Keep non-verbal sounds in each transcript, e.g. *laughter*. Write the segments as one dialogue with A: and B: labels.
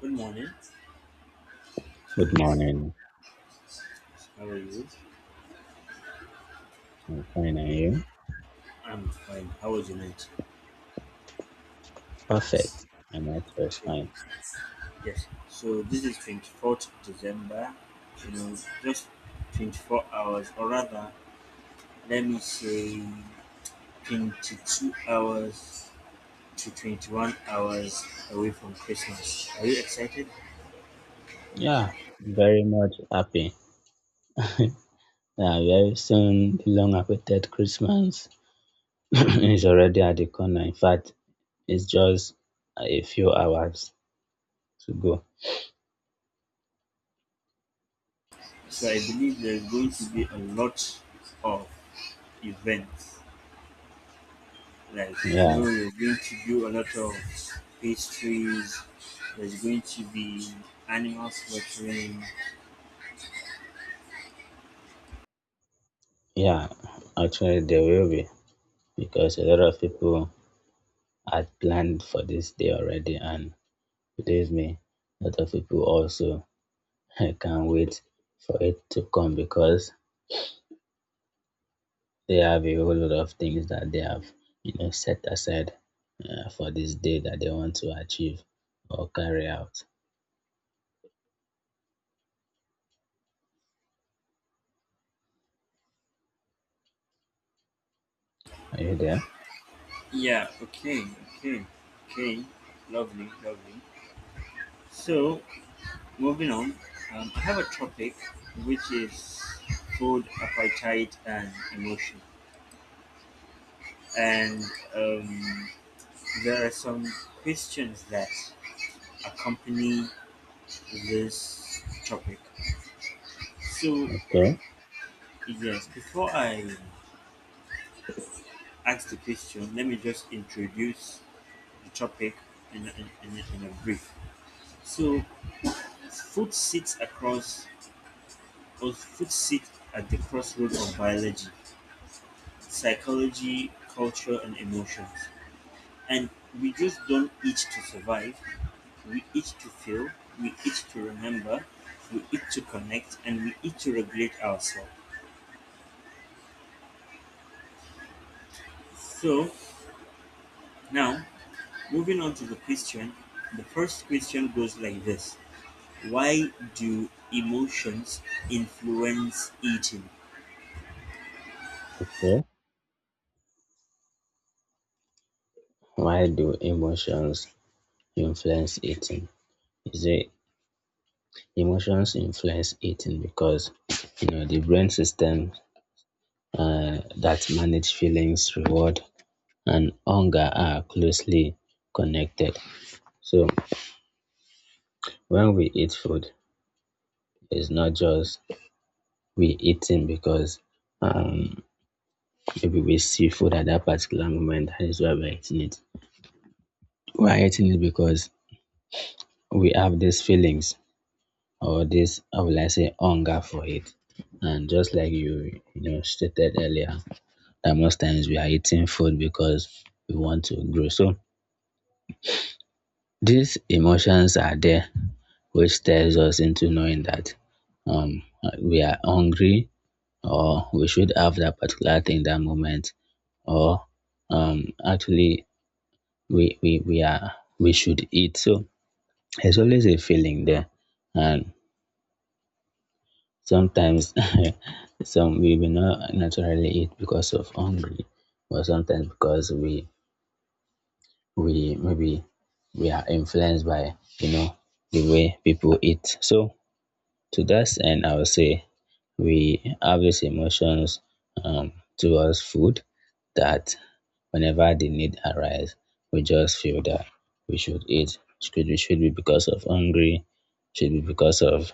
A: Good morning.
B: Good morning.
A: How are you?
B: I'm fine, and you?
A: I'm fine. How was your night?
B: Perfect. My night was
A: Okay.
B: fine.
A: Yes. So this is 24th December. You know, just 24 hours, or rather, let me say 22 hours to 21 hours away from Christmas. Are you excited?
B: Yeah, very much happy. Yeah, very soon the long awaited Christmas *clears throat* is already at the corner. In fact, it's just a few hours to go.
A: So I believe there's going to be a lot of events like
B: Yeah,
A: you're going to do a lot of pastries, there's going to be animal slaughtering.
B: yeah. Actually, there will be because a lot of people had planned for this day already, and believe me, a lot of people also *laughs* can't wait for it to come because they have a whole lot of things that they have, you know, set aside for this day that they want to achieve or carry out. Are you there?
A: Yeah, okay, okay, okay, lovely, lovely. So moving on, I have a topic which is food, appetite, and emotion. And um, there are some questions that accompany this topic. So
B: Okay.
A: yes, before I ask the question, let me just introduce the topic in a brief. So food sits across, or food sits at the crossroads of biology, psychology, culture, and emotions. And we just don't eat to survive, we eat to feel, we eat to remember, we eat to connect, and we eat to regulate ourselves. So now, moving on to the question, the first question goes like this. Why do emotions influence eating?
B: Okay. Why do emotions influence eating? Is it emotions influence eating because you know the brain system that manage feelings, reward, and hunger are closely connected. So when we eat food, it's not just we eating because um, maybe we see food at that particular moment, that is why we're eating it. We're eating it because we have these feelings or this, how will I say, hunger for it. And just like you know, stated earlier, that most times we are eating food because we want to grow. So these emotions are there, which tells us into knowing that um we are hungry or we should have that particular thing that moment or actually we are we should eat. So there's always a feeling there, and sometimes *laughs* some we will not naturally eat because of hungry, or sometimes because we maybe we are influenced by the way people eat. So to that end, I would say we have these emotions towards food that whenever the need arise, we just feel that we should eat. Should, we should be because of hungry, should be because of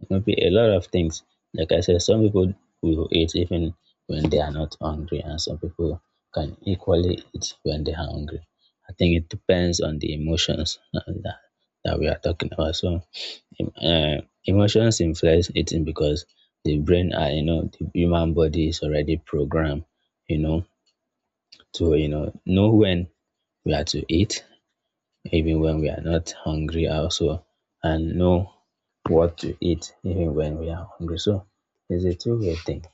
B: it can be a lot of things. Like I said, some people will eat even when they are not hungry, and some people can equally eat when they are hungry. I think it depends on the emotions that, that we are talking about. So, emotions influence eating because the brain, you know, the human body is already programmed, you know, to you know when we are to eat, even when we are not hungry, also, and know what to eat even when we are hungry. So it's a two-way thing.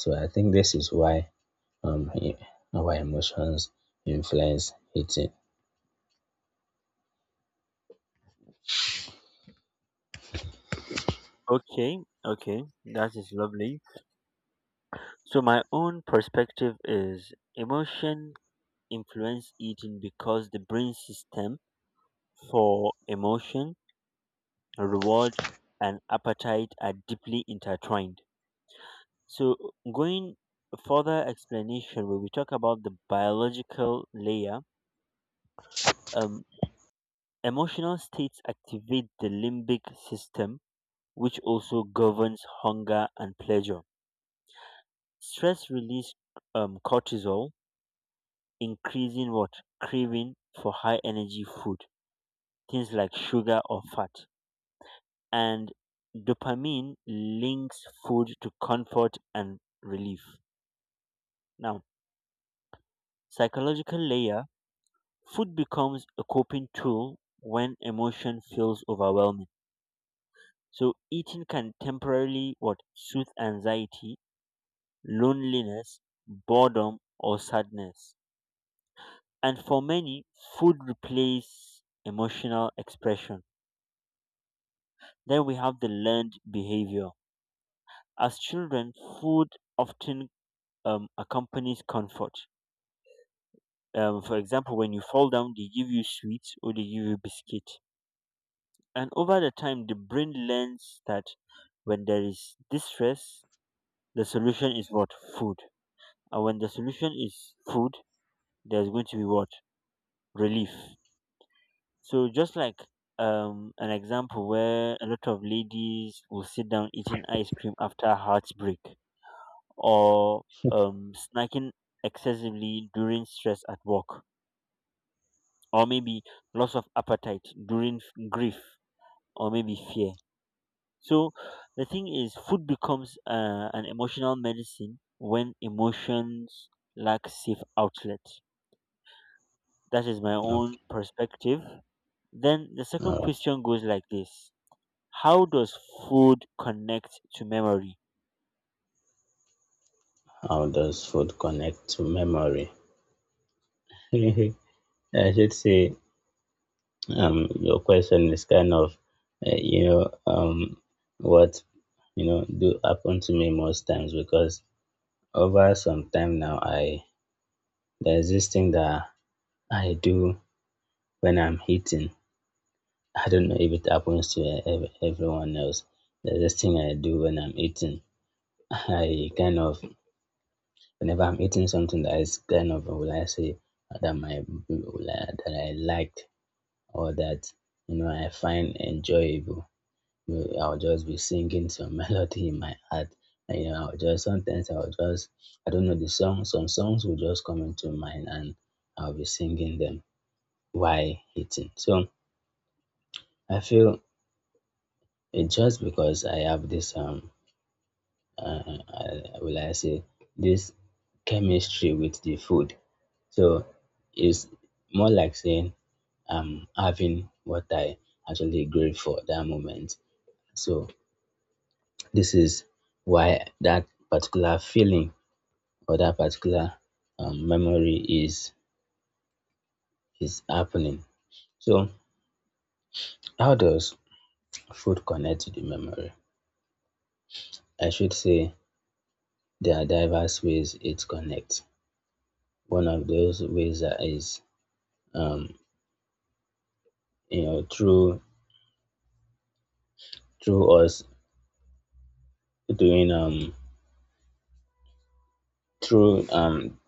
B: So I think this is why um e- our emotions influence eating.
A: Okay, okay, that is lovely. So my own perspective is emotion influence eating because the brain system for emotion, reward, and appetite are deeply intertwined. So going further explanation, when we talk about the biological layer, um, emotional states activate the limbic system which also governs hunger and pleasure. Stress release cortisol, increasing what? Craving for high energy food, things like sugar or fat, and dopamine links food to comfort and relief. Now, psychological layer, food becomes a coping tool when emotion feels overwhelming. So eating can temporarily what? Soothe anxiety, loneliness, boredom, or sadness. And for many, food replaces emotional expression. Then we have the learned behavior. As children, food often accompanies comfort. For example, when you fall down, they give you sweets or they give you biscuit. And over the time, the brain learns that when there is distress, the solution is what? Food. And when the solution is food, there's going to be what? Relief. So just like an example where a lot of ladies will sit down eating ice cream after heartbreak, or snacking excessively during stress at work, or maybe loss of appetite during grief or maybe fear. So the thing is food becomes an emotional medicine when emotions lack safe outlet. That is my own
B: Okay.
A: perspective. Then the second
B: Alright.
A: question goes like this. How does food connect to memory?
B: How does food connect to memory? *laughs* I should say your question is kind of you know what you know do happen to me most times because over some time now I there's this thing that I do when I'm eating. I don't know if it happens to everyone else. The this thing I do when I'm eating, I kind of whenever I'm eating something that is kind of will I say that my that I liked or that you know I find enjoyable. You know, I'll just be singing some *laughs* melody in my heart. And, you know, I'll just sometimes I'll just I don't know the song. Some songs will just come into mind and I'll be singing them while eating. So I feel it's just because I have this will I say, this chemistry with the food. So it's more like saying I'm having what I actually crave for that moment. So this is why that particular feeling or that particular memory is happening. So how does food connect to the memory? I should say there are diverse ways it connects. One of those ways that is um, you know through through us doing through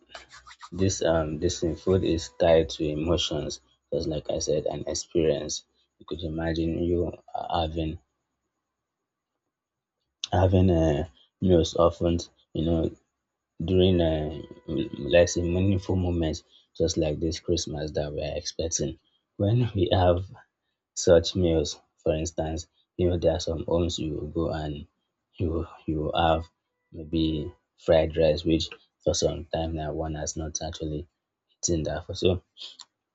B: this thing food is tied to emotions, just like I said, an experience. You could imagine you having having meals often you know during, let's say, meaningful moments just like this Christmas that we're expecting when we have such meals. For instance, you know, there are some homes you will go and you will have maybe fried rice, which for some time now one has not actually eaten that for so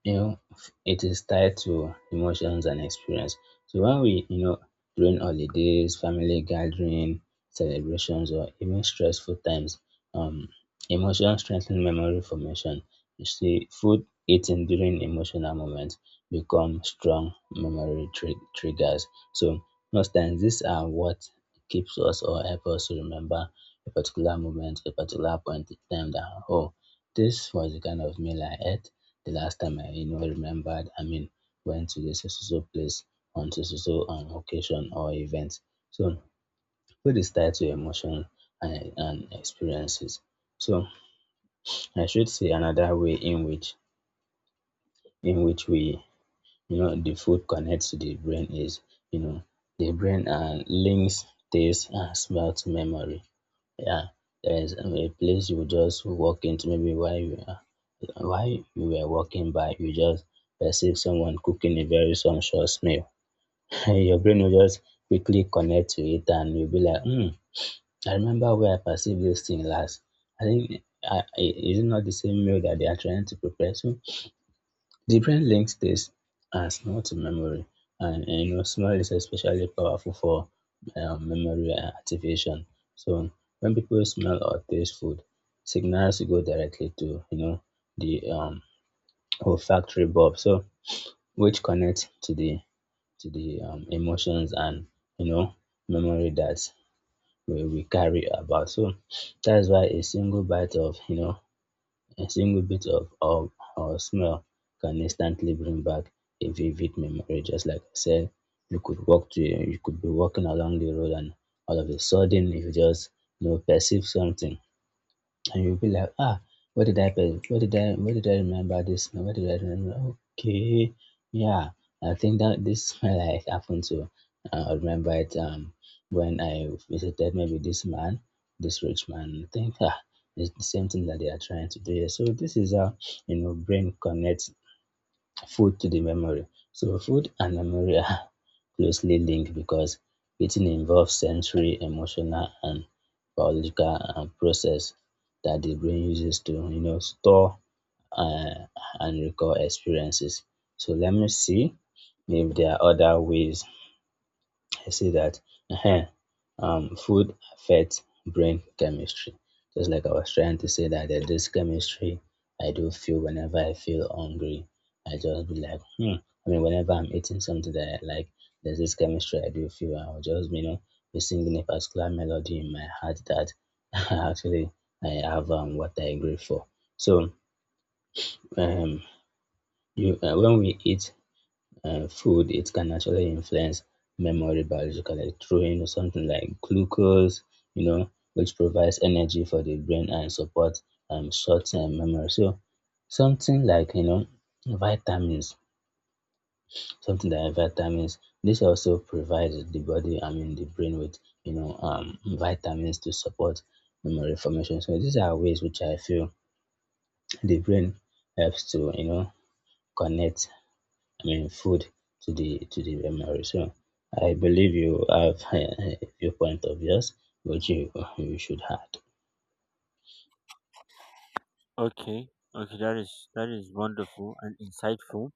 B: you know, it is tied to emotions and experience. So when we, you know, during holidays, family gathering, celebrations, or even stressful times, um, emotions strengthen memory formation. You see, food eaten during emotional moments become strong memory triggers. So most times these are what keeps us or help us to remember a particular moment, a particular point in time that, oh, this was the kind of meal I ate the last time I you know remembered, I mean, went to this so so so place on so so so occasion or event. So food is tied to emotion and experiences. So I should say another way in which we you know the food connects to the brain is you know the brain and links taste and smell to memory. Yeah, there is a place you just walk into, maybe while you are while you were walking by, you just perceive someone cooking a very sumptuous meal. *laughs* Your brain will just quickly connect to it, and you'll be like, "Hmm, I remember where I perceived this thing last. I think is it not the same meal that they are trying to prepare?" So the brain links this as not to memory and you know smell is especially powerful for memory activation. So when people smell or taste food, signals go directly to you know the olfactory bulb, so which connects to the emotions and you know memory that we carry about. So that's why a single bite of you know a single bit of or smell can instantly bring back a vivid memory. Just like I said, you could be walking along the road and all of a sudden you just you know perceive something and you'll be like, ah, what did I pay? What did I remember this? What did I remember? Okay, yeah, I think that this *laughs* like happened to. I remember it when I visited maybe this man, this rich man. I think, ah, it's the same thing that they are trying to do here. So this is how you know brain connects food to the memory. So food and memory are *laughs* closely linked because eating involves sensory, emotional, and biological process that the brain uses to you know store uh, and recall experiences. So let me see if there are other ways. I see that uh food affects brain chemistry. Just like I was trying to say that there's this chemistry I do feel whenever I feel hungry. I just be like, hmm. I mean, whenever I'm eating something that I like, there's this chemistry I do feel. I'll just, you know, be singing a particular melody in my heart that *laughs* actually I have what I agree for. So, um, you when we eat food, it can actually influence memory biologically through you know something like glucose, you know, which provides energy for the brain and support short-term memory. So something like you know vitamins, this also provides the body, I mean the brain with you know vitamins to support memory formation. So these are ways which I feel the brain helps to you know connect, I mean, food to the memory. So I believe you have *laughs* a few point of yours, which you *laughs* you should add.
A: Okay, okay, that is wonderful and insightful.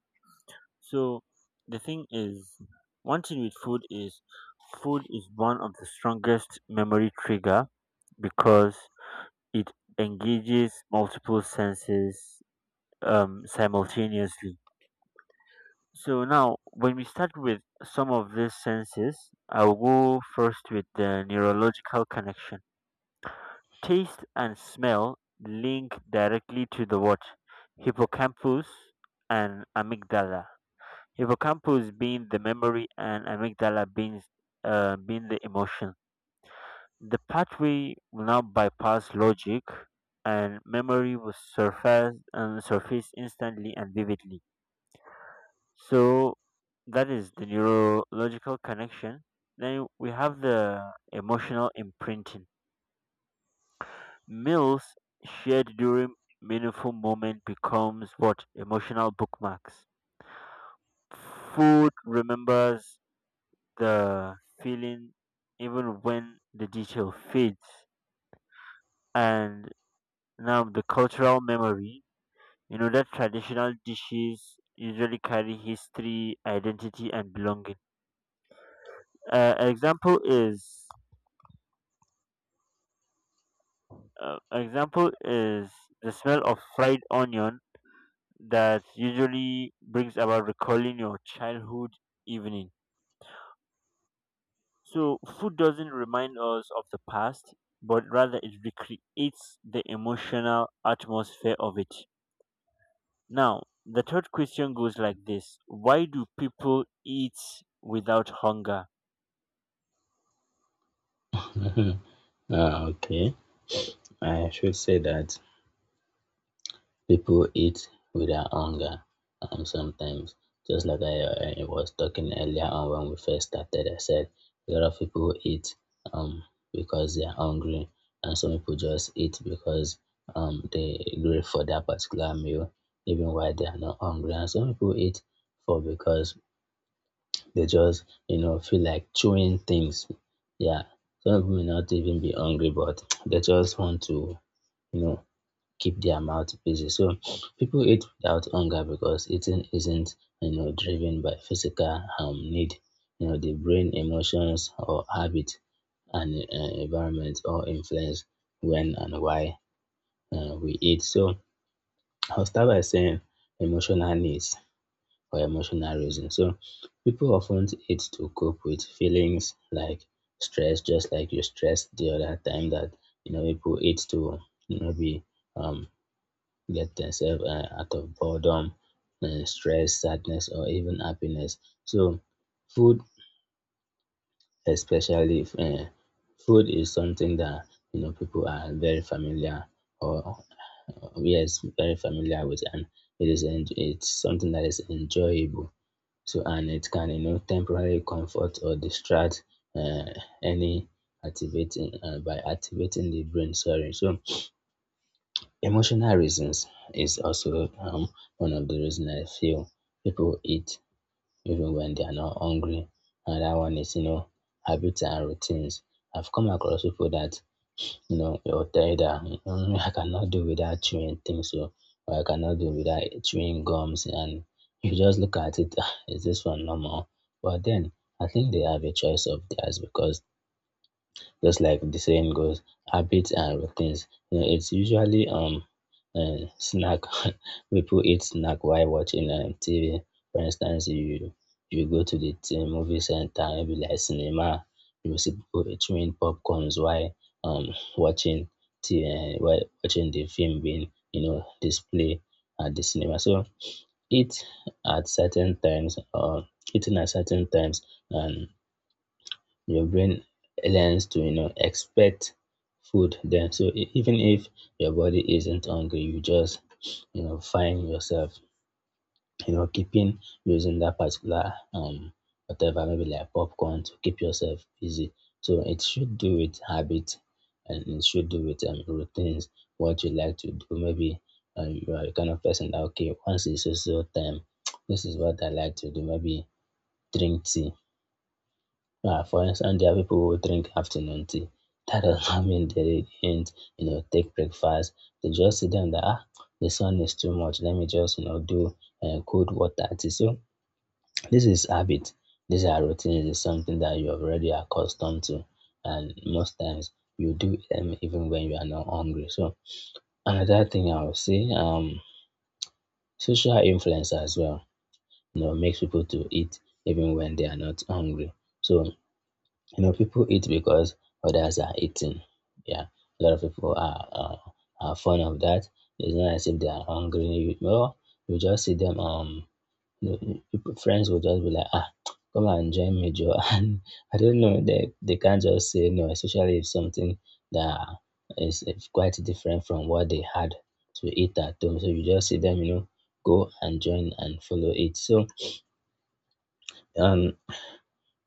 A: So the thing is, one thing with food is one of the strongest memory trigger because it engages multiple senses simultaneously. So now, when we start with some of these senses, I'll go first with the neurological connection. Taste and smell link directly to the what? Hippocampus and amygdala. Hippocampus being the memory and amygdala being being the emotion. The pathway will now bypass logic and memory will surface and surface instantly and vividly. So that is the neurological connection. Then we have the emotional imprinting. Meals shared during meaningful moment becomes what emotional bookmarks. Food remembers the feeling even when the detail fades. And now the cultural memory, you know that traditional dishes usually carry history, identity, and belonging. Uh, example is example is the smell of fried onion that usually brings about recalling your childhood evening. So food doesn't remind us of the past, but rather it recreates the emotional atmosphere of it. Now, the third question goes like this. Why do people eat without hunger?
B: Okay, I should say that people eat with their hunger sometimes. Just like I was talking earlier on when we first started, I said a lot of people eat um, because they are hungry, and some people just eat because they crave for that particular meal, even while they are not hungry. And some people eat for because they just you know feel like chewing things. Yeah, some people may not even be hungry, but they just want to you know keep their mouth busy. So people eat without hunger because eating isn't you know driven by physical need. You know the brain, emotions, or habit and environment all influence when and why we eat. So I'll start by saying emotional needs for emotional reasons. So people often eat to cope with feelings like stress, just like you stressed the other time that you know people eat to you know be um get themselves out of boredom, stress, sadness, or even happiness. So, food, especially food, is something that you know people are very familiar or, yes, very familiar with, and it is it's something that is enjoyable. So, and it can you know temporarily comfort or distract uh, any activating by activating the brain. Sorry, so emotional reasons is also one of the reasons I feel people eat even when they are not hungry. Another one is, habits and routines. I've come across people that, they'll tell you that, "Mm, I cannot do without chewing things, so, or I cannot do without chewing gums." And you just look at it, "Ah, is this one normal?" But then I think they have a choice of theirs because just like the saying goes, habits and routines. You know, it's usually snack. *laughs* People eat snack while watching TV. For instance, you go to the movie center, maybe like cinema. You will see people chewing popcorns while watching while watching the film being display at the cinema. So eat at certain times or eating at certain times, and your brain learns to expect food, then so even if your body isn't hungry, you just find yourself keeping using that particular whatever, maybe like popcorn, to keep yourself busy. So it should do with habit, and it should do with routines, what you like to do. Maybe you are the kind of person that, okay, once it's so so time *tsk* this is what I like to do, maybe drink tea. For instance, there are people who drink afternoon tea. That does not mean they didn't, you know, take breakfast. They just see them that, ah, the sun is too much. Let me just, you know, do cold water tea. So this is habit. These are routines. It's something that you are already accustomed to, and most times you do them even when you are not hungry. So another thing I would say, social influence as well. You know, makes people to eat even when they are not hungry. So you know, people eat because others are eating. Yeah, a lot of people are fond of that. It's not as if they are hungry. You know, you just see them. You know, people- friends will just be like, ah, come and join me, Joe. *laughs* And I don't know. They can't just say no, especially if something that is quite different from what they had to eat at home. So you just see them. You know, go and join and follow it. So um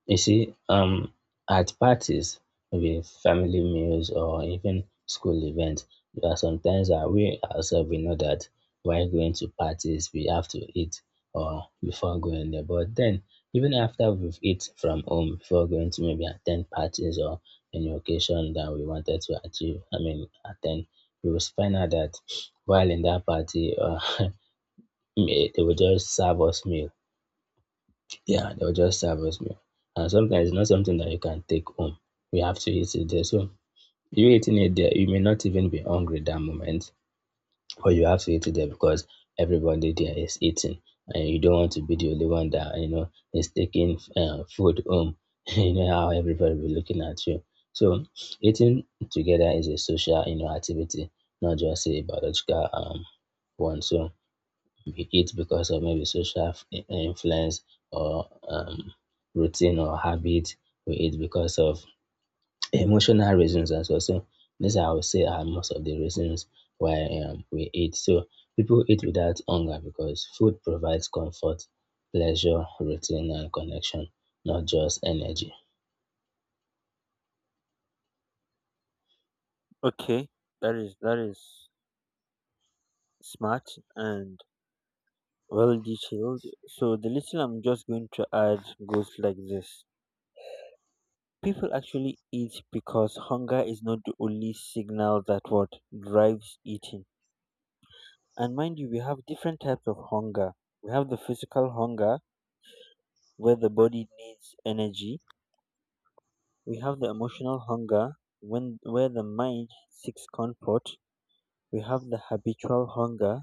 B: you see, at parties, maybe family meals or even school events, there are sometimes that we ourselves we know that while going to parties we have to eat or before going there. But then, even after we've eat from home before going to maybe attend parties or any occasion that we wanted to achieve, I mean attend, we will find out that while in that party, *laughs* they will just serve us meal, yeah, they'll just serve us meal. And sometimes it's not something that you can take home. We have to eat it there. So you eating it there, you may not even be hungry that moment, but you have to eat it there because everybody there is eating, and you don't want to be the only one that you know is taking food home. *laughs* You know how everybody will be looking at you. So eating together is a social, you know, activity, not just a biological one. So pick it because of maybe social influence or routine or habit. We eat because of *clears throat* emotional reasons as well. So these are, I would say, are most of the reasons why we eat. So people eat without hunger because food provides comfort, pleasure, routine, and connection, not just energy.
A: Okay, that is smart and well detailed. So the little I'm just going to add goes like this. People actually eat because hunger is not the only signal that what drives eating. And mind you, we have different types of hunger. We have the physical hunger where the body needs energy. We have the emotional hunger when where the mind seeks comfort. We have the habitual hunger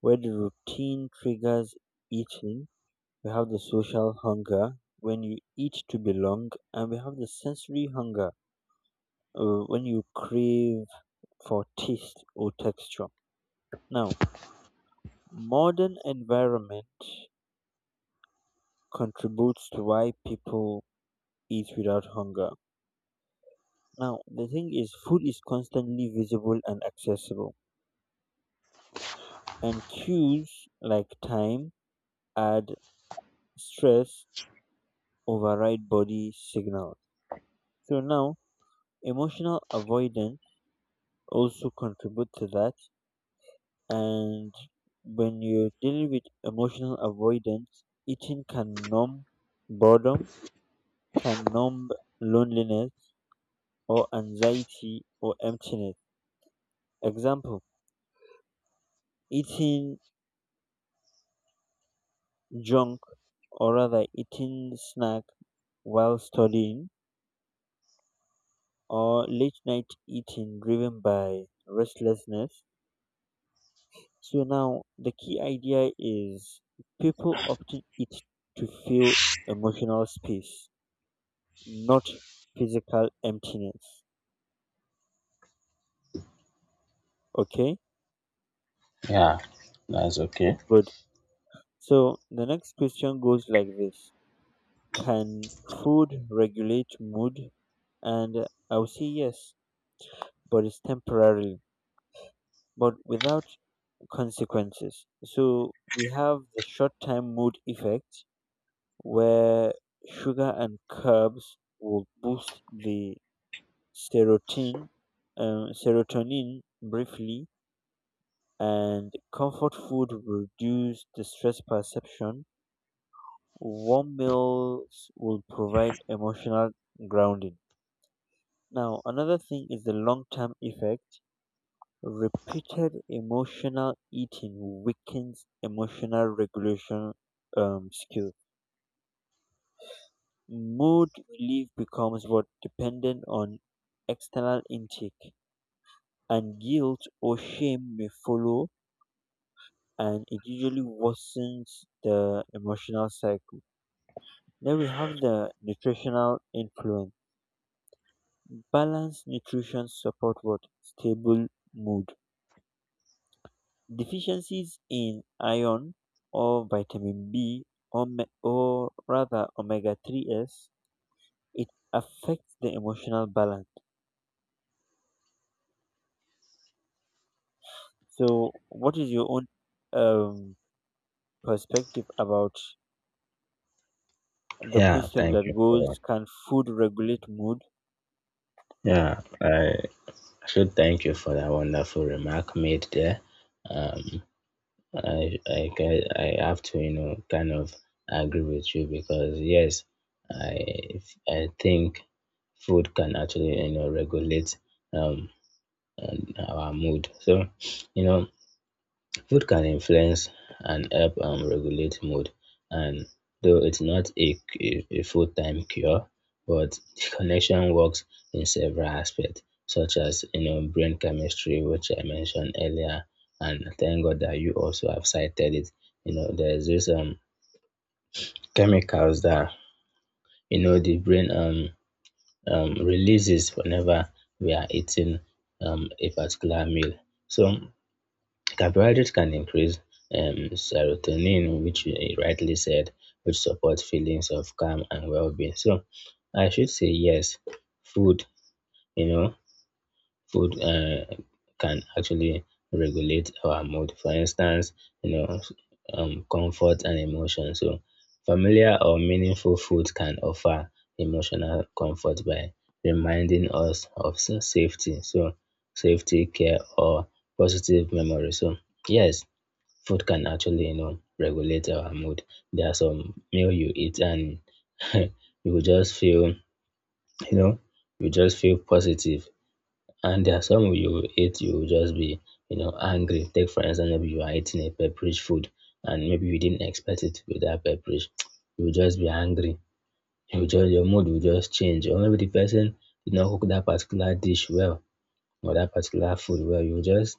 A: where the routine triggers eating. We have the social hunger when you eat to belong, and we have the sensory hunger when you crave for taste or texture. Now, modern environment contributes to why people eat without hunger. Now, the thing is, food is constantly visible and accessible, and cues like time, add, stress override body signals. So now, emotional avoidance also contributes to that. And when you're dealing with emotional avoidance, eating can numb boredom, can numb loneliness or anxiety or emptiness. Example, eating junk, or rather eating snack while studying, or late night eating driven by restlessness. So now the key idea is people often eat to fill emotional space, not physical emptiness. Okay,
B: Yeah, that's okay.
A: good. So the next question goes like this. Can food regulate mood? And I will say yes, but it's temporarily, but without consequences. So we have the short time mood effect where sugar and carbs will boost the serotonin, serotonin briefly, and comfort food will reduce distress perception. Warm meals will provide emotional grounding. Now, another thing is the long term effect. Repeated emotional eating weakens emotional regulation skills. Mood relief becomes what dependent on external intake, and guilt or shame may follow, and it usually worsens the emotional cycle. Then we have the nutritional influence. Balanced nutrition support what? Stable mood. Deficiencies in iron or vitamin B or, or rather omega 3s, it affects the emotional balance. So what is your own um, perspective about the
B: Yeah,
A: question
B: thank
A: that
B: you for
A: goes, can food regulate mood?
B: yeah. I should thank you for that wonderful remark made there. Um, I have to you know kind of agree with you because yes, I I think food can actually you know regulate um and our mood. So you know food can influence and help regulate mood, and though it's not a full-time cure, but the connection works in several aspects, such as you know brain chemistry, which I mentioned earlier, and thank God that you also have cited it. You know, there's this chemicals that you know the brain releases whenever we are eating a particular meal. So carbohydrates can increase serotonin, which you rightly said, which support feelings of calm and well-being. So I should say yes, food, you know, food can actually regulate our mood. For instance, you know, comfort and emotion. So familiar or meaningful food can offer emotional comfort by reminding us of safety. So safety, care, or positive memory. So yes, food can actually, you know, regulate our mood. There are some meal you eat and *laughs* you will just feel, you know, you just feel positive. And there are some you eat, you will just be, you know, angry. Take for instance, maybe you are eating a pepperish food and maybe you didn't expect it to be that pepperish. *tsk* You will just be angry. Your mood will just change. Or maybe the person did not cook that particular dish well or that particular food well.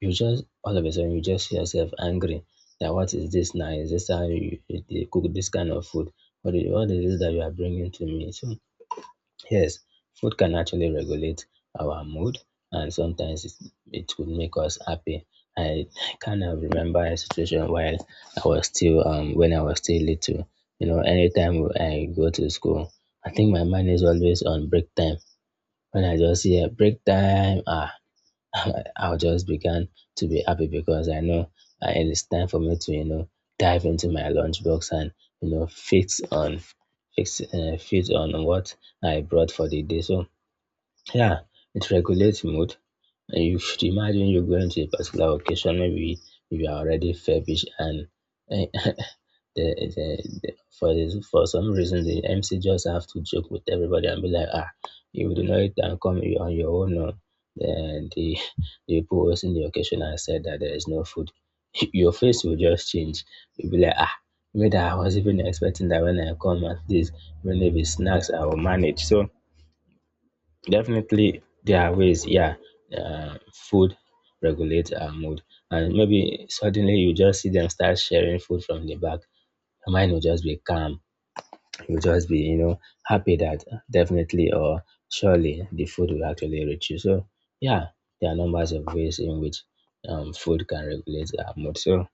B: You just all of a sudden you just see yourself angry that, what is this now? Is this how you they cook this kind of food? What is this that you are bringing to me? So yes, food can actually regulate our mood, and sometimes it would make us happy. I kind of remember a situation while I was still when I was still little. You know, anytime I go to school, I think my mind is always on break time. When I just hear break time, ah, *laughs* I'll just began to be happy because I know it is time for me to, you know, dive into my lunchbox and, you know, fit on what I brought for the day. So yeah, it regulates mood. And you should imagine you're going to a particular occasion, maybe you are already feverish and eh, *laughs* the, the, the, for this, for some reason the MC just have to joke with everybody and be like, ah, you do not and come on your own. No. Then *laughs* the people hosting the occasion and said that there is no food. *laughs* Your face will just change. You'll be like, ah, maybe I was even expecting that when I come at this, even if it's snacks, I will manage. So definitely, there are ways, yeah. Food regulates our mood, and maybe suddenly you just see them start sharing food from the back. Your mind will just be calm. You'll just be, you know, happy that definitely or surely the food will actually reach you. So, yeah, there are numbers of ways in which food can regulate our mood. So,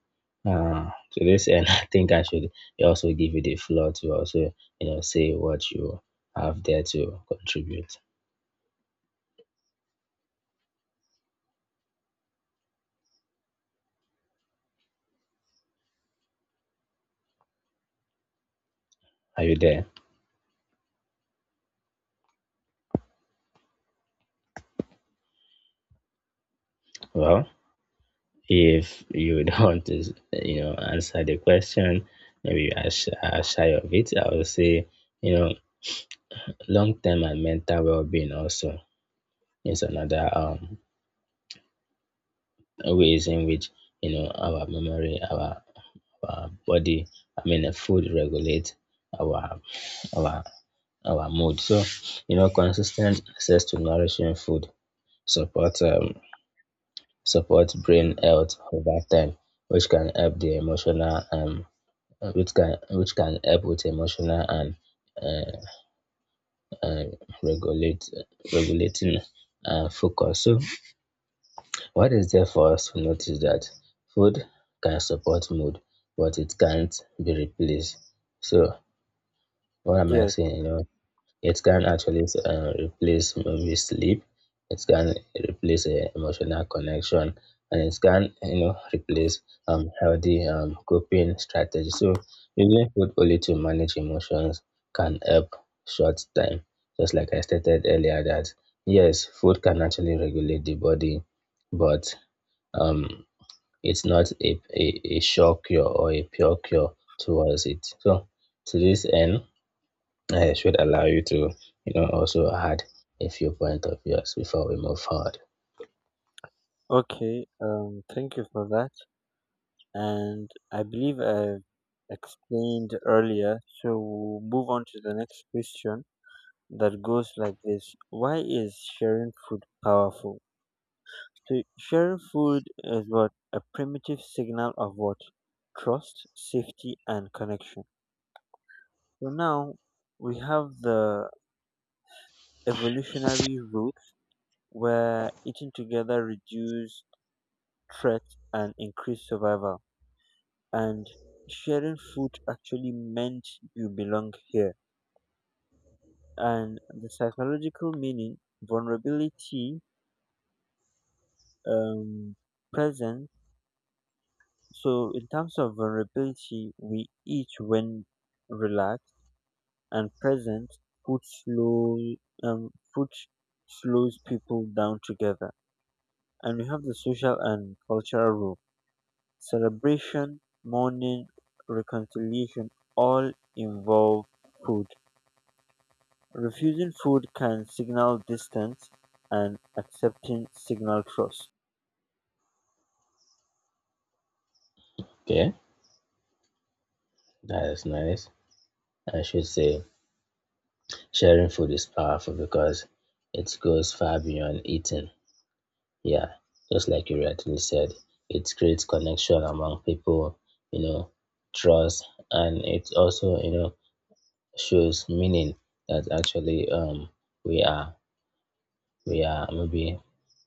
B: to this end, *laughs* I think I should also give you the floor to also, you know, say what you have there to contribute. Are you there? Well, if you *laughs* don't want you know, answer the question, maybe you are, are shy of it. I would say, you know, long-term and mental well-being also is another ways in which you know our memory, our body, I mean, food regulate our our our mood. So, you know, consistent access to nourishing food support support brain
A: *clears throat*
B: health over time, which can help the emotional which can help with emotional and uh, uh, regulate regulating focus. So, what is there for us to notice that food can support mood, but it can't be replaced. So, what am I
A: Yes.
B: saying? You know, it can actually replace maybe sleep. It can replace emotional connection, and it can you know replace healthy coping strategy. So using food only to manage emotions can help short time. Just like I stated earlier, that yes, food can actually regulate the body, but um it's not a a, a, sure cure or a pure cure towards it. So to this end I should allow you to, you know, also add a few point of yours before we move forward.
A: Okay. Thank you for that. And I believe I've explained earlier. So we'll move on to the next question that goes like this. Why is sharing food powerful? So sharing food is what? A primitive signal of what? Trust, safety, and connection. So now we have the evolutionary route where eating together reduced threat and increased survival. And sharing food actually meant you belong here. And the psychological meaning, vulnerability um present. So in terms of vulnerability, we eat when relaxed and present. food slow Food slows people down together. And we have the social and cultural role. Celebration, mourning, reconciliation, all involve food. Refusing food can signal distance, and accepting signal trust.
B: Okay, that is nice. I should say sharing food is powerful because it goes far beyond eating. Yeah, just like you rightly said, it creates connection among people, you know, trust, and it also, you know, shows meaning that actually we are we are maybe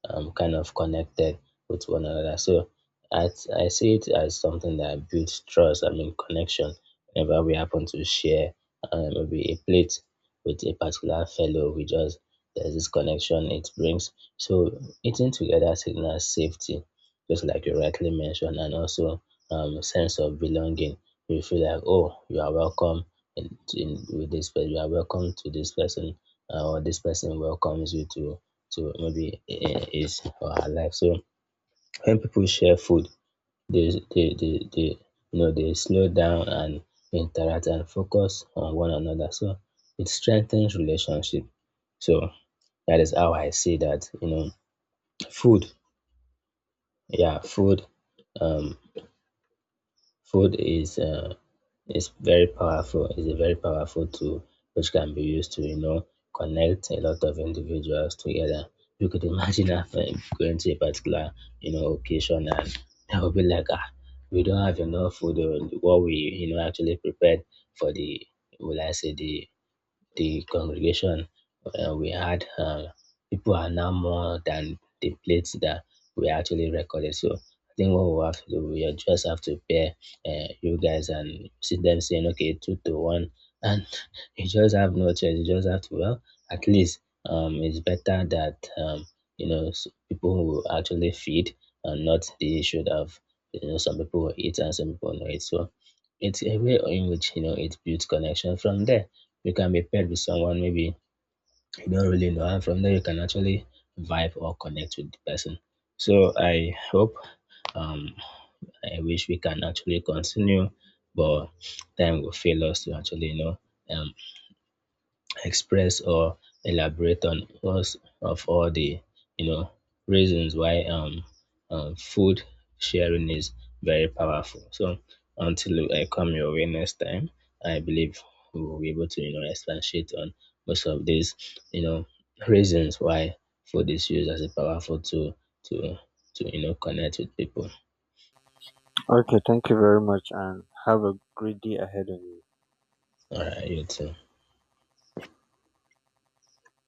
B: kind of connected with one another. So I, I see it as something that builds trust, I mean, connection. Whenever we happen to share maybe a plate with a particular fellow, there's this connection it brings. So eating together signals safety, just like you rightly mentioned, and also sense of belonging. You feel like, oh, you are welcome with this person, you are welcome to this person, or this person welcomes you to maybe his or her life. So when people share food, they you know they slow down and interact and focus on one another. So it strengthens relationship. So that is how I see that. You know, food, yeah, food um food is very powerful. Is a very powerful tool which can be used to you know connect a lot of individuals together. You could imagine *laughs* if I'm going to a particular you know occasion and *laughs* there will be like ah, we don't have enough food. Or what we you know actually prepared for the, will I say the congregation, we had, people are now more than the plates that we actually recorded. So I think what we have to do, we just have to pair you guys and see them saying, okay, two to one. And *laughs* you just have no choice. You just have to, well, at least it's better that, you know, people who actually feed and not the issue of, you know, some people will eat and some people will not eat. So it's a way in which, you know, it builds connection. From there you can be paired with someone maybe you don't really know, and from there you can actually vibe or connect with the person. So I hope, um, I wish we can actually continue, but time will fail us to actually, you know, um, express or elaborate on most of all the you know reasons why food sharing is very powerful. So until I come your way next time, I believe we will be able to you know expatiate on most of these you know reasons why food is used as a powerful tool to to you know connect with people.
A: Okay, thank you very much and have a great day ahead of you.
B: All right, you too.